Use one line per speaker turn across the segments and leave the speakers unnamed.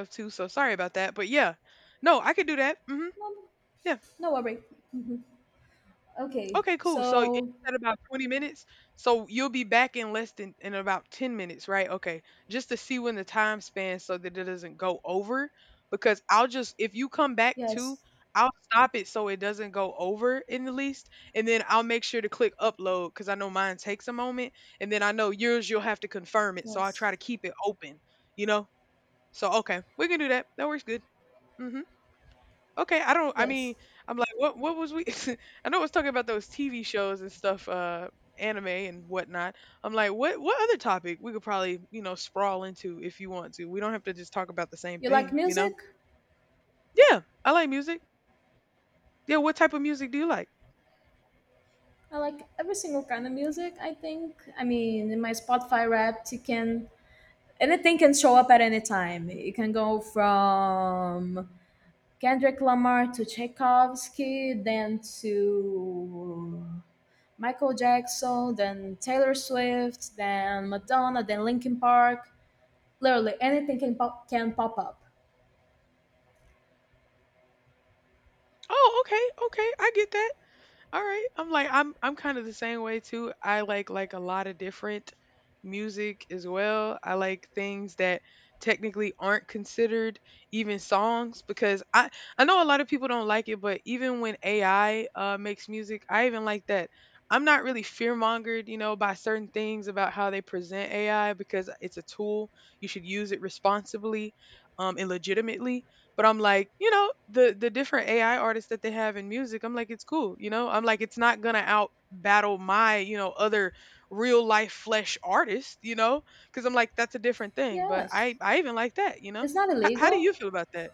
Of too, so sorry about that, but yeah. No, I could do that. Mhm.
No, no,
Yeah.
no worry. Mhm. Okay,
Okay, cool. So it
so
said about 20 minutes. So you'll be back in less than in about 10 minutes, right? Okay. Just to see when the time span so that it doesn't go over because I'll just if you come back too,
yes,
I'll stop it so it doesn't go over in the least, and then I'll make sure to click upload cuz I know mine takes a moment, and then I know yours you'll have to confirm it, so I
yes,
try to keep it open, you know? So okay, we can do that. That works good. Mhm. Okay, I don't. I
yes.
mean, I'm like, what? What was we? I know I was talking about those TV shows and stuff, anime and whatnot. I'm like, what? What other topic we could probably, you know, sprawl into if you want to. We don't have to just talk about the same
You like
thing, you
music?
know? Yeah, I like music. Yeah, what type of music do you like?
I like every single kind of music. I think. I mean, in my Spotify Wrapped, you can anything can show up at any time. It can go from Kendrick Lamar to Tchaikovsky, then to Michael Jackson, then Taylor Swift, then Madonna, then Linkin Park. Literally anything can pop up.
Oh, okay, okay, I get that. All right. I'm like I'm kind of the same way too. I like a lot of different music as well. I like things that technically aren't considered even songs because I know a lot of people don't like it, but even when AI makes music, I even like that. I'm not really fear mongered, you know, by certain things about how they present AI because it's a tool. You should use it responsibly and legitimately. But I'm like, you know, the different AI artists that they have in music, I'm like, it's cool, you know. I'm like, it's not gonna out battle my, you know, other real life flesh artist, you know, because I'm like, that's a different thing. But
Yes,
I even like that, you know.
it's not
How do
illegal.
you feel about that?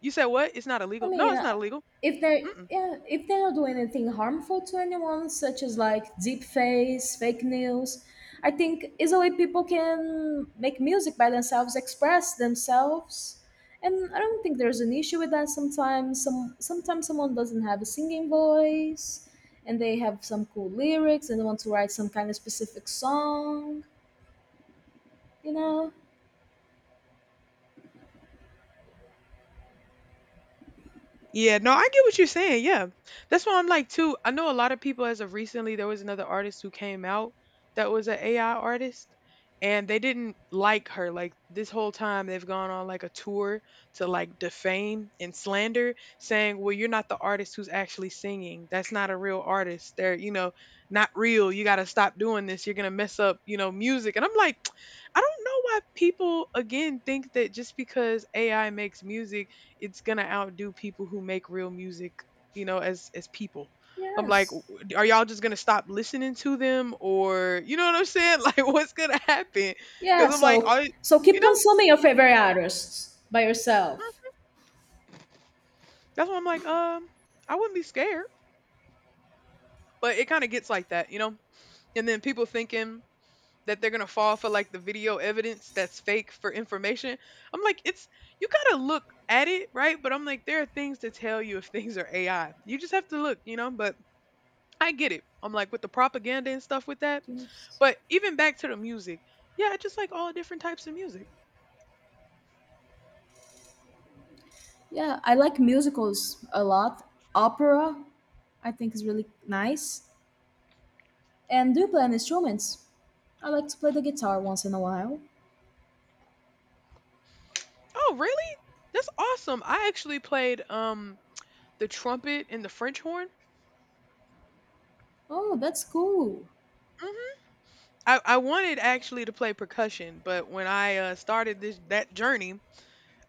You said what? It's not
I
illegal. No,
mean,
it's not illegal.
if they
Mm-mm.
yeah, if they don't do anything harmful to anyone, such as like deep face, fake news, I think is a way people can make music by themselves, express themselves. And I don't think there's an issue with that. Sometimes, sometimes someone doesn't have a singing voice, and they have some cool lyrics, and they want to write some kind of specific song. You know?
Yeah, no, I get what you're saying. Yeah. That's why I'm like too. I know a lot of people as of recently there was another artist who came out that was an AI artist and they didn't like her. Like this whole time they've gone on like a tour to like defame and slander saying, "Well, you're not the artist who's actually singing. That's not a real artist. They're, you know, not real. You got to stop doing this. You're going to mess up, you know, music." And I'm like, I don't know why people again think that just because AI makes music it's gonna outdo people who make real music, you know, as people. I'm like,
Yes.
are y'all just gonna stop listening to them, or you know what I'm saying? Like, what's gonna happen? Because
Yeah,
I'm like,
so
all
so keep
you know,
consuming your favorite artists by yourself.
mm, that's why I'm like, I wouldn't be scared, but it kind of gets like that, you know. And then people thinking that they're gonna fall for like the video evidence that's fake for information. I'm like, it's you gotta look at it, right? But I'm like, there are things to tell you if things are AI. You just have to look, you know. But I get it. I'm like with the propaganda and stuff with that.
Yes.
But even back to the music, yeah, I just like all different types of music.
Yeah, I like musicals a lot. Opera, I think is really nice. And do you play any instruments? I like to play the guitar once in a while.
Oh, really? That's awesome. I actually played the trumpet and the French horn.
Oh, that's cool.
hmm I wanted actually to play percussion, but when I started this that journey,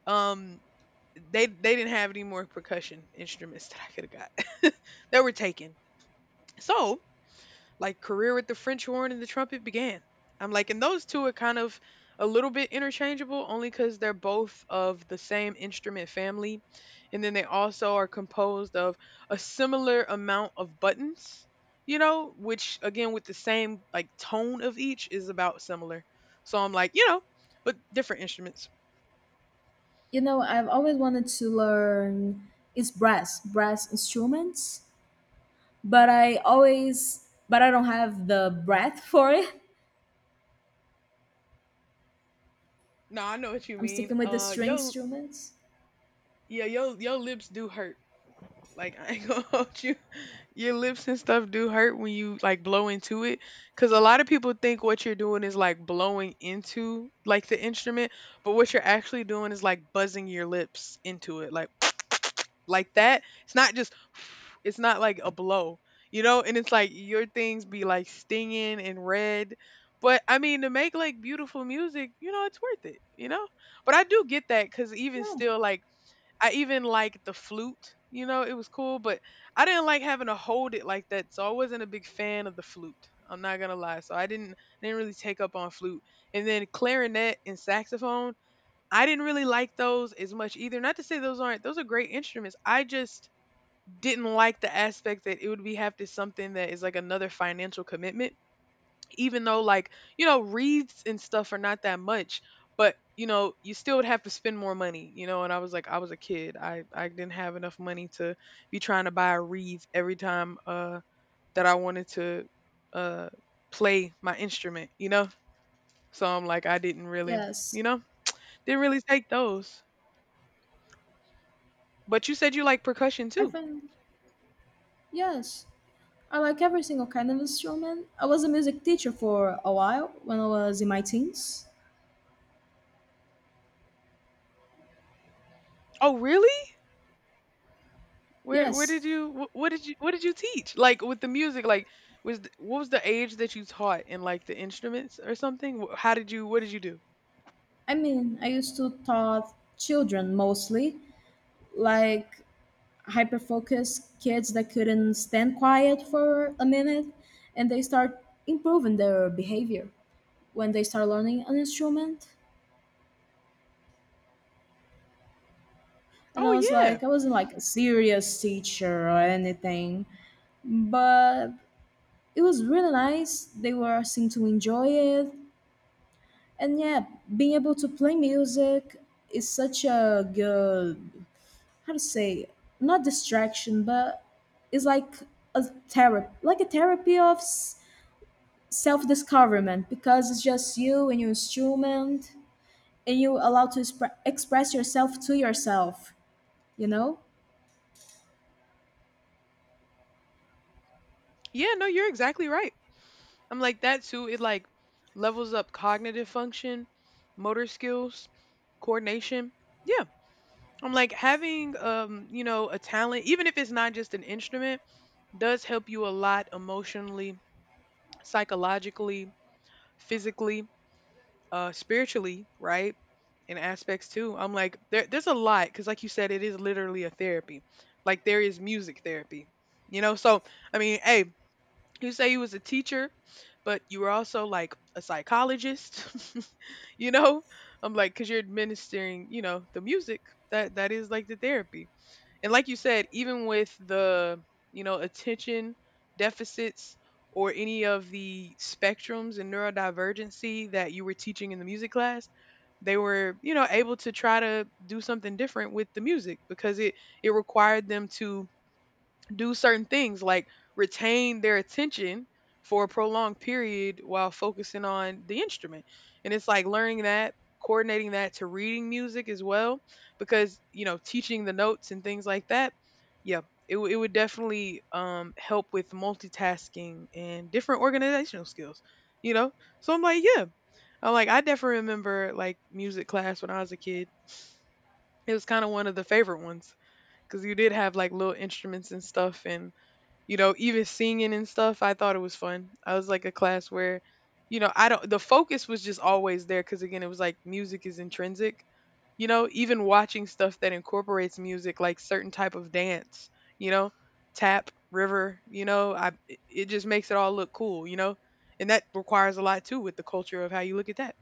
um, they didn't have any more percussion instruments that I could have got that were taken. So like career with the French horn and the trumpet began. I'm like, and those two are kind of a little bit interchangeable only because they're both of the same instrument family. And then they also are composed of a similar amount of buttons, you know, which again, with the same like tone of each is about similar. So I'm like, you know, but different instruments.
You know, I've always wanted to learn brass instruments, but I don't have the breath for it.
No, I know what you
I'm
mean.
sticking with the string instruments.
Yeah, yo lips do hurt. Like I ain't gonna hold you. Your lips and stuff do hurt when you like blow into it because a lot of people think what you're doing is like blowing into like the instrument, but what you're actually doing is like buzzing your lips into it like like that. It's not just it's not like a blow, you know, and it's like your things be like stinging and red, but I mean to make like beautiful music, you know, it's worth it, you know. But I do get that because even
No.
still like I even liked the flute, you know, it was cool, but I didn't like having to hold it like that, so I wasn't a big fan of the flute. I'm not gonna lie, so I didn't really take up on flute. And then clarinet and saxophone, I didn't really like those as much either. Not to say those aren't those are great instruments. I just didn't like the aspect that it would be have to something that is like another financial commitment, even though like you know wreaths and stuff are not that much, but you know you still would have to spend more money, you know, and I was like I was a kid, I didn't have enough money to be trying to buy a wreath every time that I wanted to uh play my instrument, you know. So I'm like, I didn't really
Yes.
you know didn't really take those. But you said you like percussion
I
too?
find Yes, I like every single kind of instrument. I was a music teacher for a while when I was in my teens.
Oh, really? Where
Yes,
did you wh- What did you teach? Like with the music, like what was the age that you taught in, like the instruments or something? How did you what did you do?
I mean, I used to taught children mostly, like hyper focused kids that couldn't stand quiet for a minute and they start improving their behavior when they start learning an instrument. And I was
Oh yeah.
like, I wasn't like a serious teacher or anything, but it was really nice. They were seemed to enjoy it. And yeah, being able to play music is such a good, how to say, not distraction, but it's like a therapy, like a therapy of self-discoverment, because it's just you and your instrument and you allowed to express yourself to yourself, you know.
Yeah, no, you're exactly right. I'm like that too. It like levels up cognitive function, motor skills, coordination. Yeah. I'm like having you know, a talent, even if it's not just an instrument, does help you a lot emotionally, psychologically, physically, spiritually, right? And aspects too. I'm like there's a lot because like you said it is literally a therapy. Like there is music therapy, you know. So I mean hey, you say you was a teacher, but you were also like a psychologist. You know, I'm like because you're administering you know the music that is like the therapy. And like you said, even with the, you know, attention deficits or any of the spectrums and neurodivergency that you were teaching in the music class, they were, you know, able to try to do something different with the music because it required them to do certain things like retain their attention for a prolonged period while focusing on the instrument. And it's like learning that, coordinating that to reading music as well, because, you know, teaching the notes and things like that. Yeah, it would definitely help with multitasking and different organizational skills, you know? So I'm like, yeah. I'm like, I definitely remember like music class when I was a kid. It was kind of one of the favorite ones because you did have like little instruments and stuff, and you know, even singing and stuff, I thought it was fun. I was like a class where, you know, I don't, the focus was just always there because again, it was like music is intrinsic, you know, even watching stuff that incorporates music, like certain type of dance, you know, tap, river, you know, it it just makes it all look cool, you know, and that requires a lot too with the culture of how you look at that.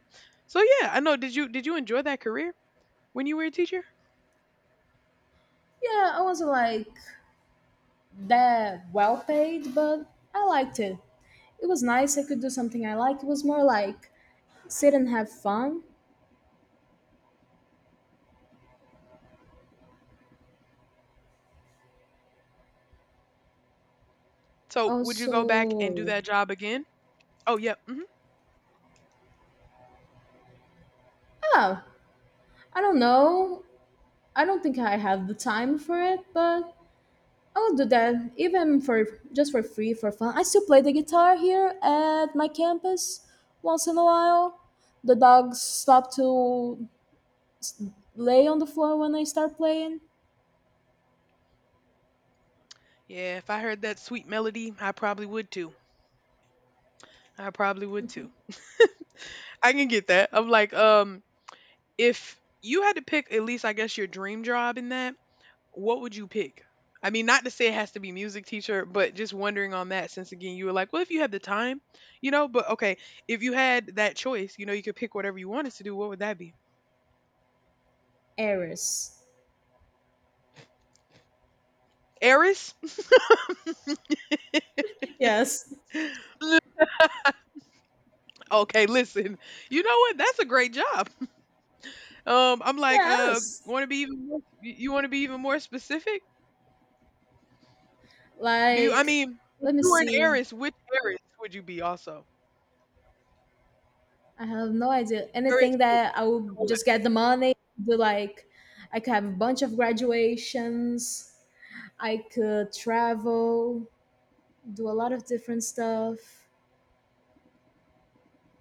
So yeah, I know. Did you enjoy that career when you were a teacher?
Yeah, I wasn't like that well paid, but I liked it. It was nice, I could do something I liked. It was more like sit and have fun
So, would you
also.
go back and do that job again? Oh, yep.
Yeah, I don't know. I don't think I have the time for it, but I will do that even for just for free for fun. I still play the guitar here at my campus once in a while. The dogs stop to s- lay on the floor when I start playing.
Yeah, if I heard that sweet melody, I probably would too. I probably would too. I can get that. I'm like, if you had to pick at least, I guess, your dream job in that, what would you pick? I mean, not to say it has to be music teacher, but just wondering on that since again you were like, well, if you had the time, you know, but okay, if you had that choice, you know, you could pick whatever you wanted to do, what would that be?
Eris.
Eris?
Yes.
Li- okay, listen. You know what? That's a great job. I'm like,
Yes.
want to be even more, you want to be even more specific? Do you? I
Like,
mean, if
let me
you were an
see.
heiress, which heiress would you be? Also,
I have no idea.
heiress
Anything
to
that I will
what?
just get the money, do, like, I could have a bunch of graduations. I could travel, do a lot of different stuff.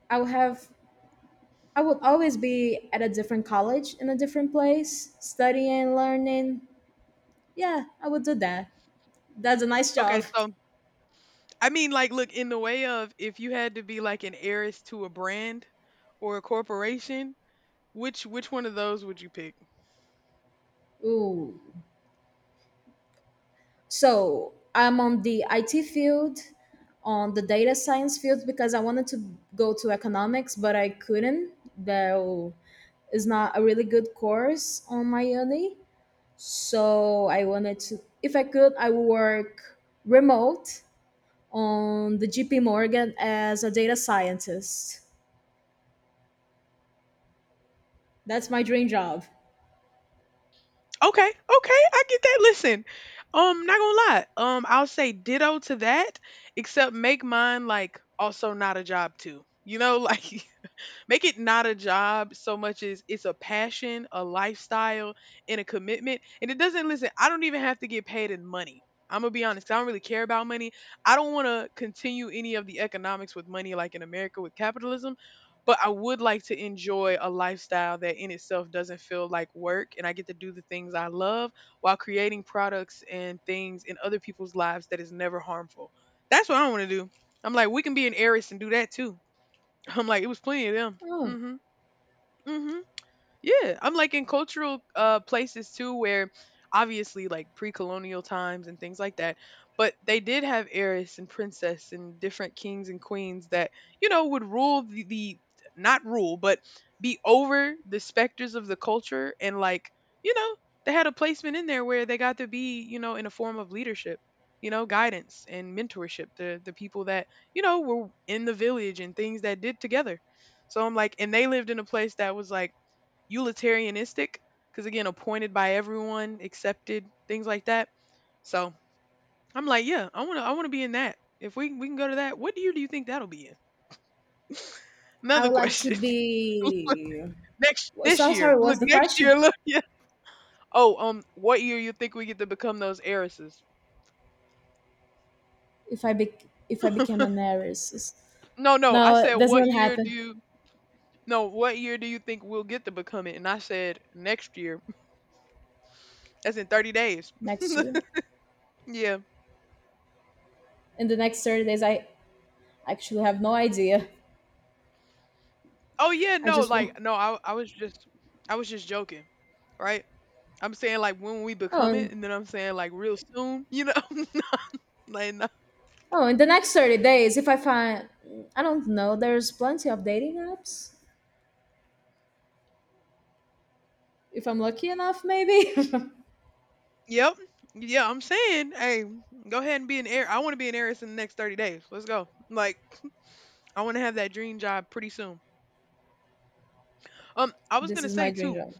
I would have I would always be at a different college in a different place, studying, learning. Yeah, I would do that. That's a nice
Okay,
job.
so look, in the way of if you had to be like an heiress to a brand or a corporation, which one of those would you pick?
Ooh. So I'm on the IT field, on the data science field because I wanted to go to economics, but I couldn't. There is not a really good course on my uni. So I wanted to, if I could, I would work remote on the JP Morgan as a data scientist. That's my dream job.
Okay, okay, I get that. Listen, not gonna lie, I'll say ditto to that, except make mine like also not a job too. You know, like Make it not a job so much as it's a passion, a lifestyle, and a commitment. And it doesn't listen, I don't even have to get paid in money. I'm gonna be honest, 'cause I don't really care about money. I don't wanna continue any of the economics with money like in America with capitalism. But I would like to enjoy a lifestyle that in itself doesn't feel like work, and I get to do the things I love while creating products and things in other people's lives that is never harmful. That's what I want to do. I'm like, we can be an heiress and do that too. I'm like, it was plenty of them.
Oh,
Hmm. Hmm, yeah, I'm like in cultural places too where obviously like pre-colonial times and things like that, but they did have heiress and princess and different kings and queens that, you know, would rule the, not rule, but be over the specters of the culture and like, you know, they had a placement in there where they got to be, you know, in a form of leadership, you know, guidance and mentorship to the people that, you know, were in the village and things that did together. So I'm like, and they lived in a place that was like utilitarianistic because again appointed by everyone accepted things like that so I'm like yeah I want to be in that if we can go to that. What year do you think that'll be in?
I
Another
would like to
question.
be. So sorry. What's the
Next
question?
year, look. Yeah. Oh, what year you think we get to become those heiresses?
If I be, if I became an heiress,
No, I
no,
said
it does
what
not
year do
happen
you, no, what year do you think we'll get to become it? And I said next year. That's in 30 days.
next year.
Yeah.
In the next 30 days, I actually have no idea.
Oh yeah,
I
no,
just want.
like, no I, I was just, I was just joking, right? I'm saying, like, when we become it,
Oh,
and then I'm saying, like, real soon, you know? Like, no.
oh, in the next 30 days, if I find, I don't know. There's plenty of dating apps. If I'm lucky enough, maybe.
Yep. Yeah, I'm saying, hey, go ahead and be an heir. I want to be an heiress in the next 30 days. Let's go. Like, I want to have that dream job pretty soon. I was
This
gonna
is
say
my dream
too.
job.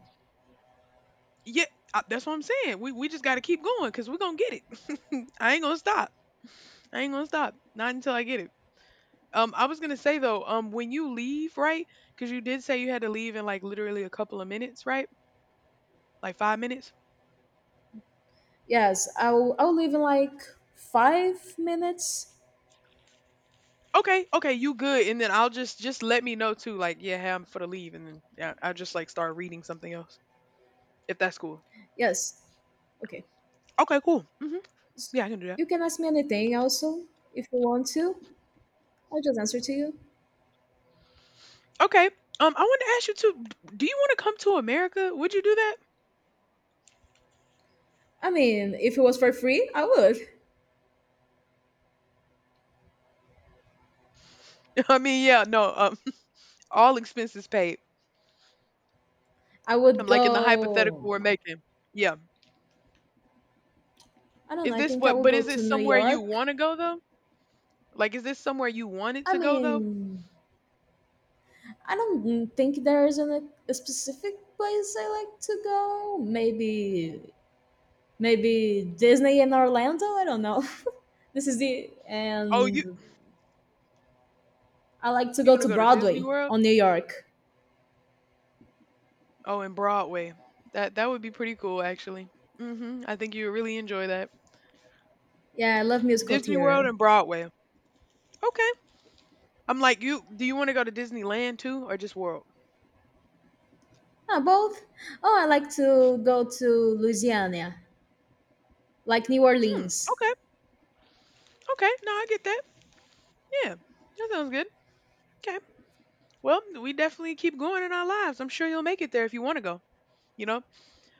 Yeah, that's what I'm saying. We just gotta keep going because we're gonna get it. I ain't gonna stop. I ain't gonna stop. Not until I get it. I was gonna say though, when you leave, right? Because you did say you had to leave in like literally a couple of minutes, right? Like 5 minutes.
Yes, I'll leave in like 5 minutes.
Okay, okay, you good. And then I'll just let me know too. Like, yeah, hey, I'm for the leave, and then yeah, I just like start reading something else if that's cool.
Yes. Okay.
Okay, cool. Hmm.
S-
Yeah, I can do that.
You can ask me anything also if you want to. I'll just answer to you.
Okay. I want to ask you too. Do you want to come to America? Would you do that?
I mean, if it was for free, I would.
I mean, yeah, no. All expenses paid.
I
I'm
would
like in the hypothetical
go.
we're making. Yeah.
I don't know.
Is
I
this
think I
what?
would
But
go
is this
to New
somewhere you
York.
want to go though? Like, is this somewhere you wanted
I
to go though?
mean, I don't think there is a specific place I like to go. Maybe Disney in Orlando. I don't know. this is the
Oh,
and I like to
you
go
want to
to
go to Disney
Broadway
World?
on New York.
Oh, and Broadway. That would be pretty cool actually. Mhm. I think you would really enjoy that.
Yeah, I love musical
Disney World
theater.
and Broadway. Okay. I'm like, you do you want to go to Disneyland too or just World?
Ah, both. Oh, I like to go to Louisiana, like New
Hmm.
Orleans.
Okay. Okay. No, I get that. Yeah. That sounds good. Okay. Well, we definitely keep going in our lives. I'm sure you'll make it there if you want to go, you know?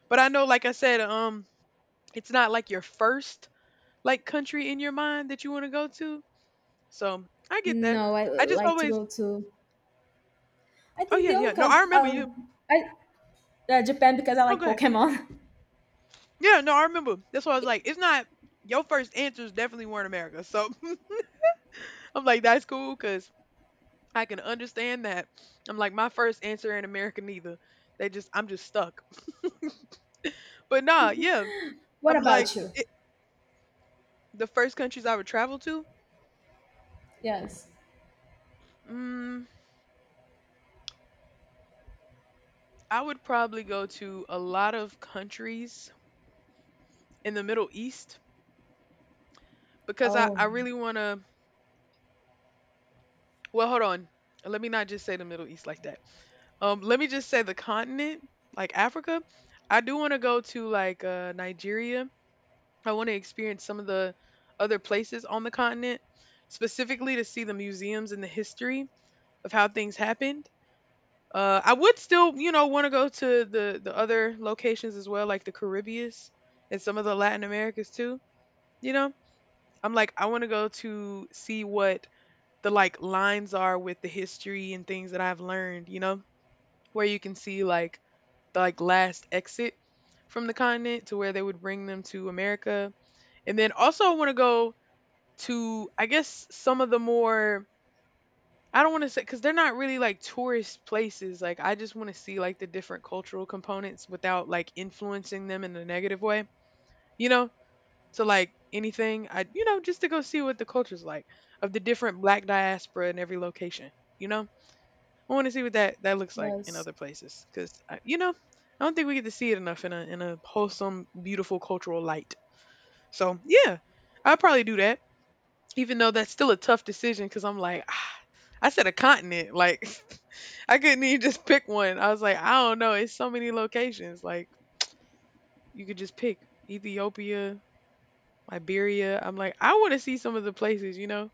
But I know like I said, it's not like your first like country in your mind that you want to go to. So, I get that.
No, I
I just
like to
always.
go to. I
Oh
think
yeah,
the
yeah.
only
No,
con,
I remember you.
I Japan, because I
No,
like
go ahead.
Pokemon.
Yeah, no, I remember. That's why I was like, it's not your first answers definitely weren't America. So I'm like, that's cool because I can understand that. I'm like, my first answer ain't America neither. I'm just stuck. But nah, yeah,
What
I'm like,
about you?
the first countries I would travel to,
Yes.
mm, I would probably go to a lot of countries in the Middle East because
Oh,
I really want to. Well, hold on. Let me not just say the Middle East like that. Let me just say the continent, like Africa. I do want to go to like Nigeria. I want to experience some of the other places on the continent, specifically to see the museums and the history of how things happened. I would still, you know, want to go to the other locations as well, like the Caribbean and some of the Latin Americas too. You know, I'm like, I want to go to see what the like lines are with the history and things that I've learned, you know, where you can see like the like last exit from the continent to where they would bring them to America. And then also I want to go to I guess some of the more, I don't want to say cuz they're not really like tourist places. Like I just want to see like the different cultural components without like influencing them in a negative way, you know, to like anything. I, you know, just to go see what the culture's like of the different black diaspora in every location, you know? I want to see what that looks like in
yes,
other places because you know I don't think we get to see it enough in a wholesome, beautiful cultural light. So yeah, I'll probably do that. Even though that's still a tough decision because I'm like, "Ah, I said a continent. Like I couldn't even just pick one. I was like, I don't know. It's so many locations. Like you could just pick Ethiopia, Liberia. I'm like, I want to see some of the places, you know,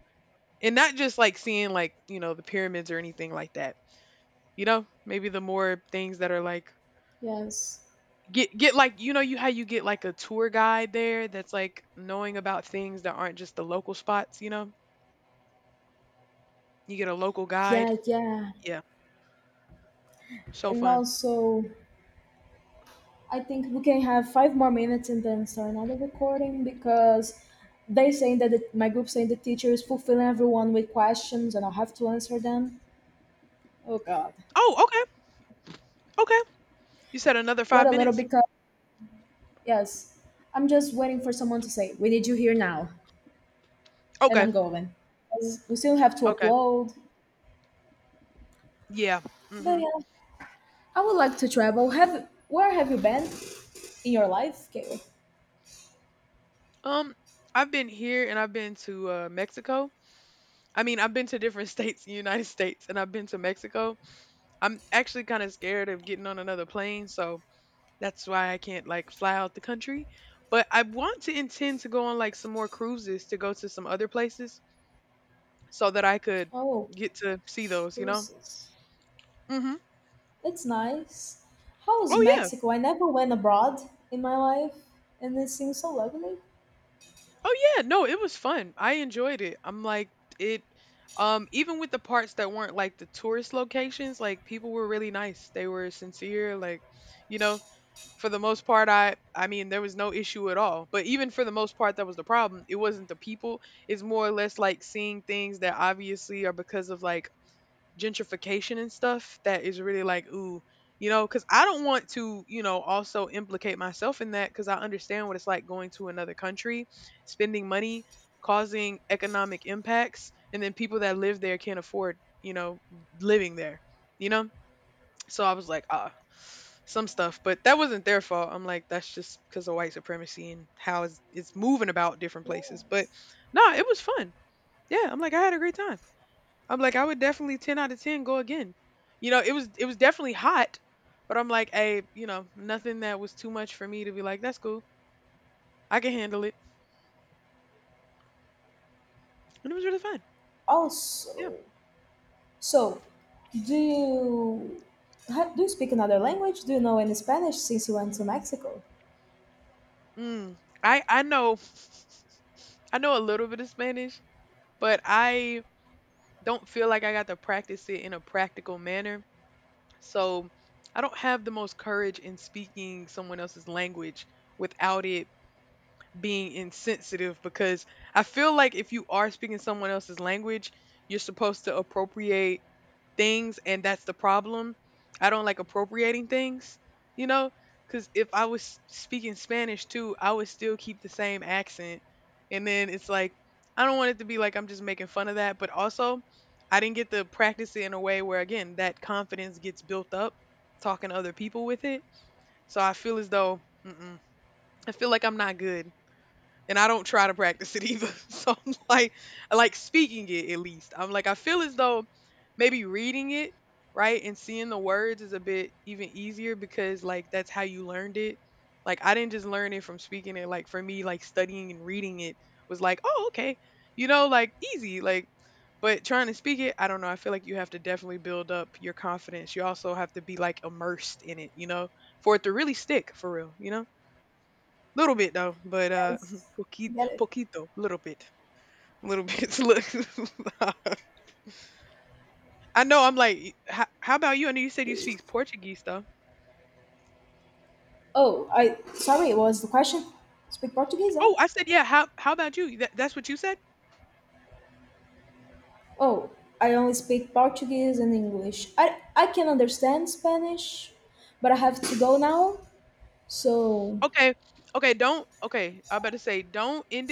and not just like seeing like you know the pyramids or anything like that, you know, maybe the more things that are like,
yes,
get like you know you how you get like a tour guide there that's like knowing about things that aren't just the local spots, you know? You get a local guide.
yeah, yeah,
Yeah. So
and
fun.
also I think we can have 5 more minutes and then start another recording, because they saying that my group saying the teacher is fulfilling everyone with questions and I'll have to answer them. Oh God.
Oh, okay. Okay. You said another
Wait
5
a little
minutes?
because yes, I'm just waiting for someone to say we need you here now, and
Okay.
I'm going, 'cause we still have to
Okay.
upload.
Yeah.
But
Mhm.
yeah, I would like to travel. Have Where have you been in your life, Kayla?
Um I've been here and I've been to Mexico. I mean, I've been to different states in the United States and I've been to Mexico. I'm actually kind of scared of getting on another plane, so that's why I can't like fly out the country. But I want to intend to go on like some more cruises to go to some other places so that I could
Oh,
get to see those, you know?
cruises.
Hmm.
It's nice. How is
Oh yeah.
Mexico? I never went abroad in my life, and it seems so lovely.
Oh yeah. No, it was fun. I enjoyed it. I'm like it even with the parts that weren't like the tourist locations, like people were really nice. They were sincere, like, you know, for the most part, I mean there was no issue at all. But even for the most part that was the problem. It wasn't the people. It's more or less like seeing things that obviously are because of like gentrification and stuff that is really like ooh, you know, cuz I don't want to, you know, also implicate myself in that cuz I understand what it's like going to another country, spending money, causing economic impacts and then people that live there can't afford, you know, living there. You know? So I was like, ah, some stuff, but that wasn't their fault. I'm like, that's just because of white supremacy and how it's moving about different places. But
Yes.
no, it was fun. Yeah, I'm like, I had a great time. I'm like, I would definitely 10 out of 10 go again. You know, it was definitely hot, but I'm like, hey, you know, nothing that was too much for me to be like, that's cool. I can handle it, and it was really fun. Yeah.
Also, so do you do you speak another language? Do you know any Spanish since you went to Mexico?
Mm. I I know I know a little bit of Spanish, but I don't feel like I got to practice it in a practical manner. So I don't have the most courage in speaking someone else's language without it being insensitive because I feel like if you are speaking someone else's language, you're supposed to appropriate things, and that's the problem. I don't like appropriating things, you know, because if I was speaking Spanish too, I would still keep the same accent. And then it's like, I don't want it to be like I'm just making fun of that, but also I didn't get to practice it in a way where, again, that confidence gets built up talking to other people with it. So I feel as though, mm-mm, I feel like I'm not good and I don't try to practice it either. So I'm like, I like speaking it at least. I'm like, I feel as though maybe reading it, right, and seeing the words is a bit even easier because like that's how you learned it. Like I didn't just learn it from speaking it. Like for me, like studying and reading it was like, oh, okay, you know, like easy, like. But trying to speak it, I don't know. I feel like you have to definitely build up your confidence. You also have to be like immersed in it, you know, for it to really stick for real, you know. Little bit though, but
Yes, I
poquito,
get it.
poquito, little bit, little bit. Look, I know. I'm like, how about you? I know you said you speak Portuguese though.
Oh, I sorry. What was the question? Speak Portuguese, huh?
Oh, I said yeah. How about you? That's what you said.
Oh, I only speak Portuguese and English. I can understand Spanish, but I have to go now. So
Okay, okay. Don't, okay. I better say don't end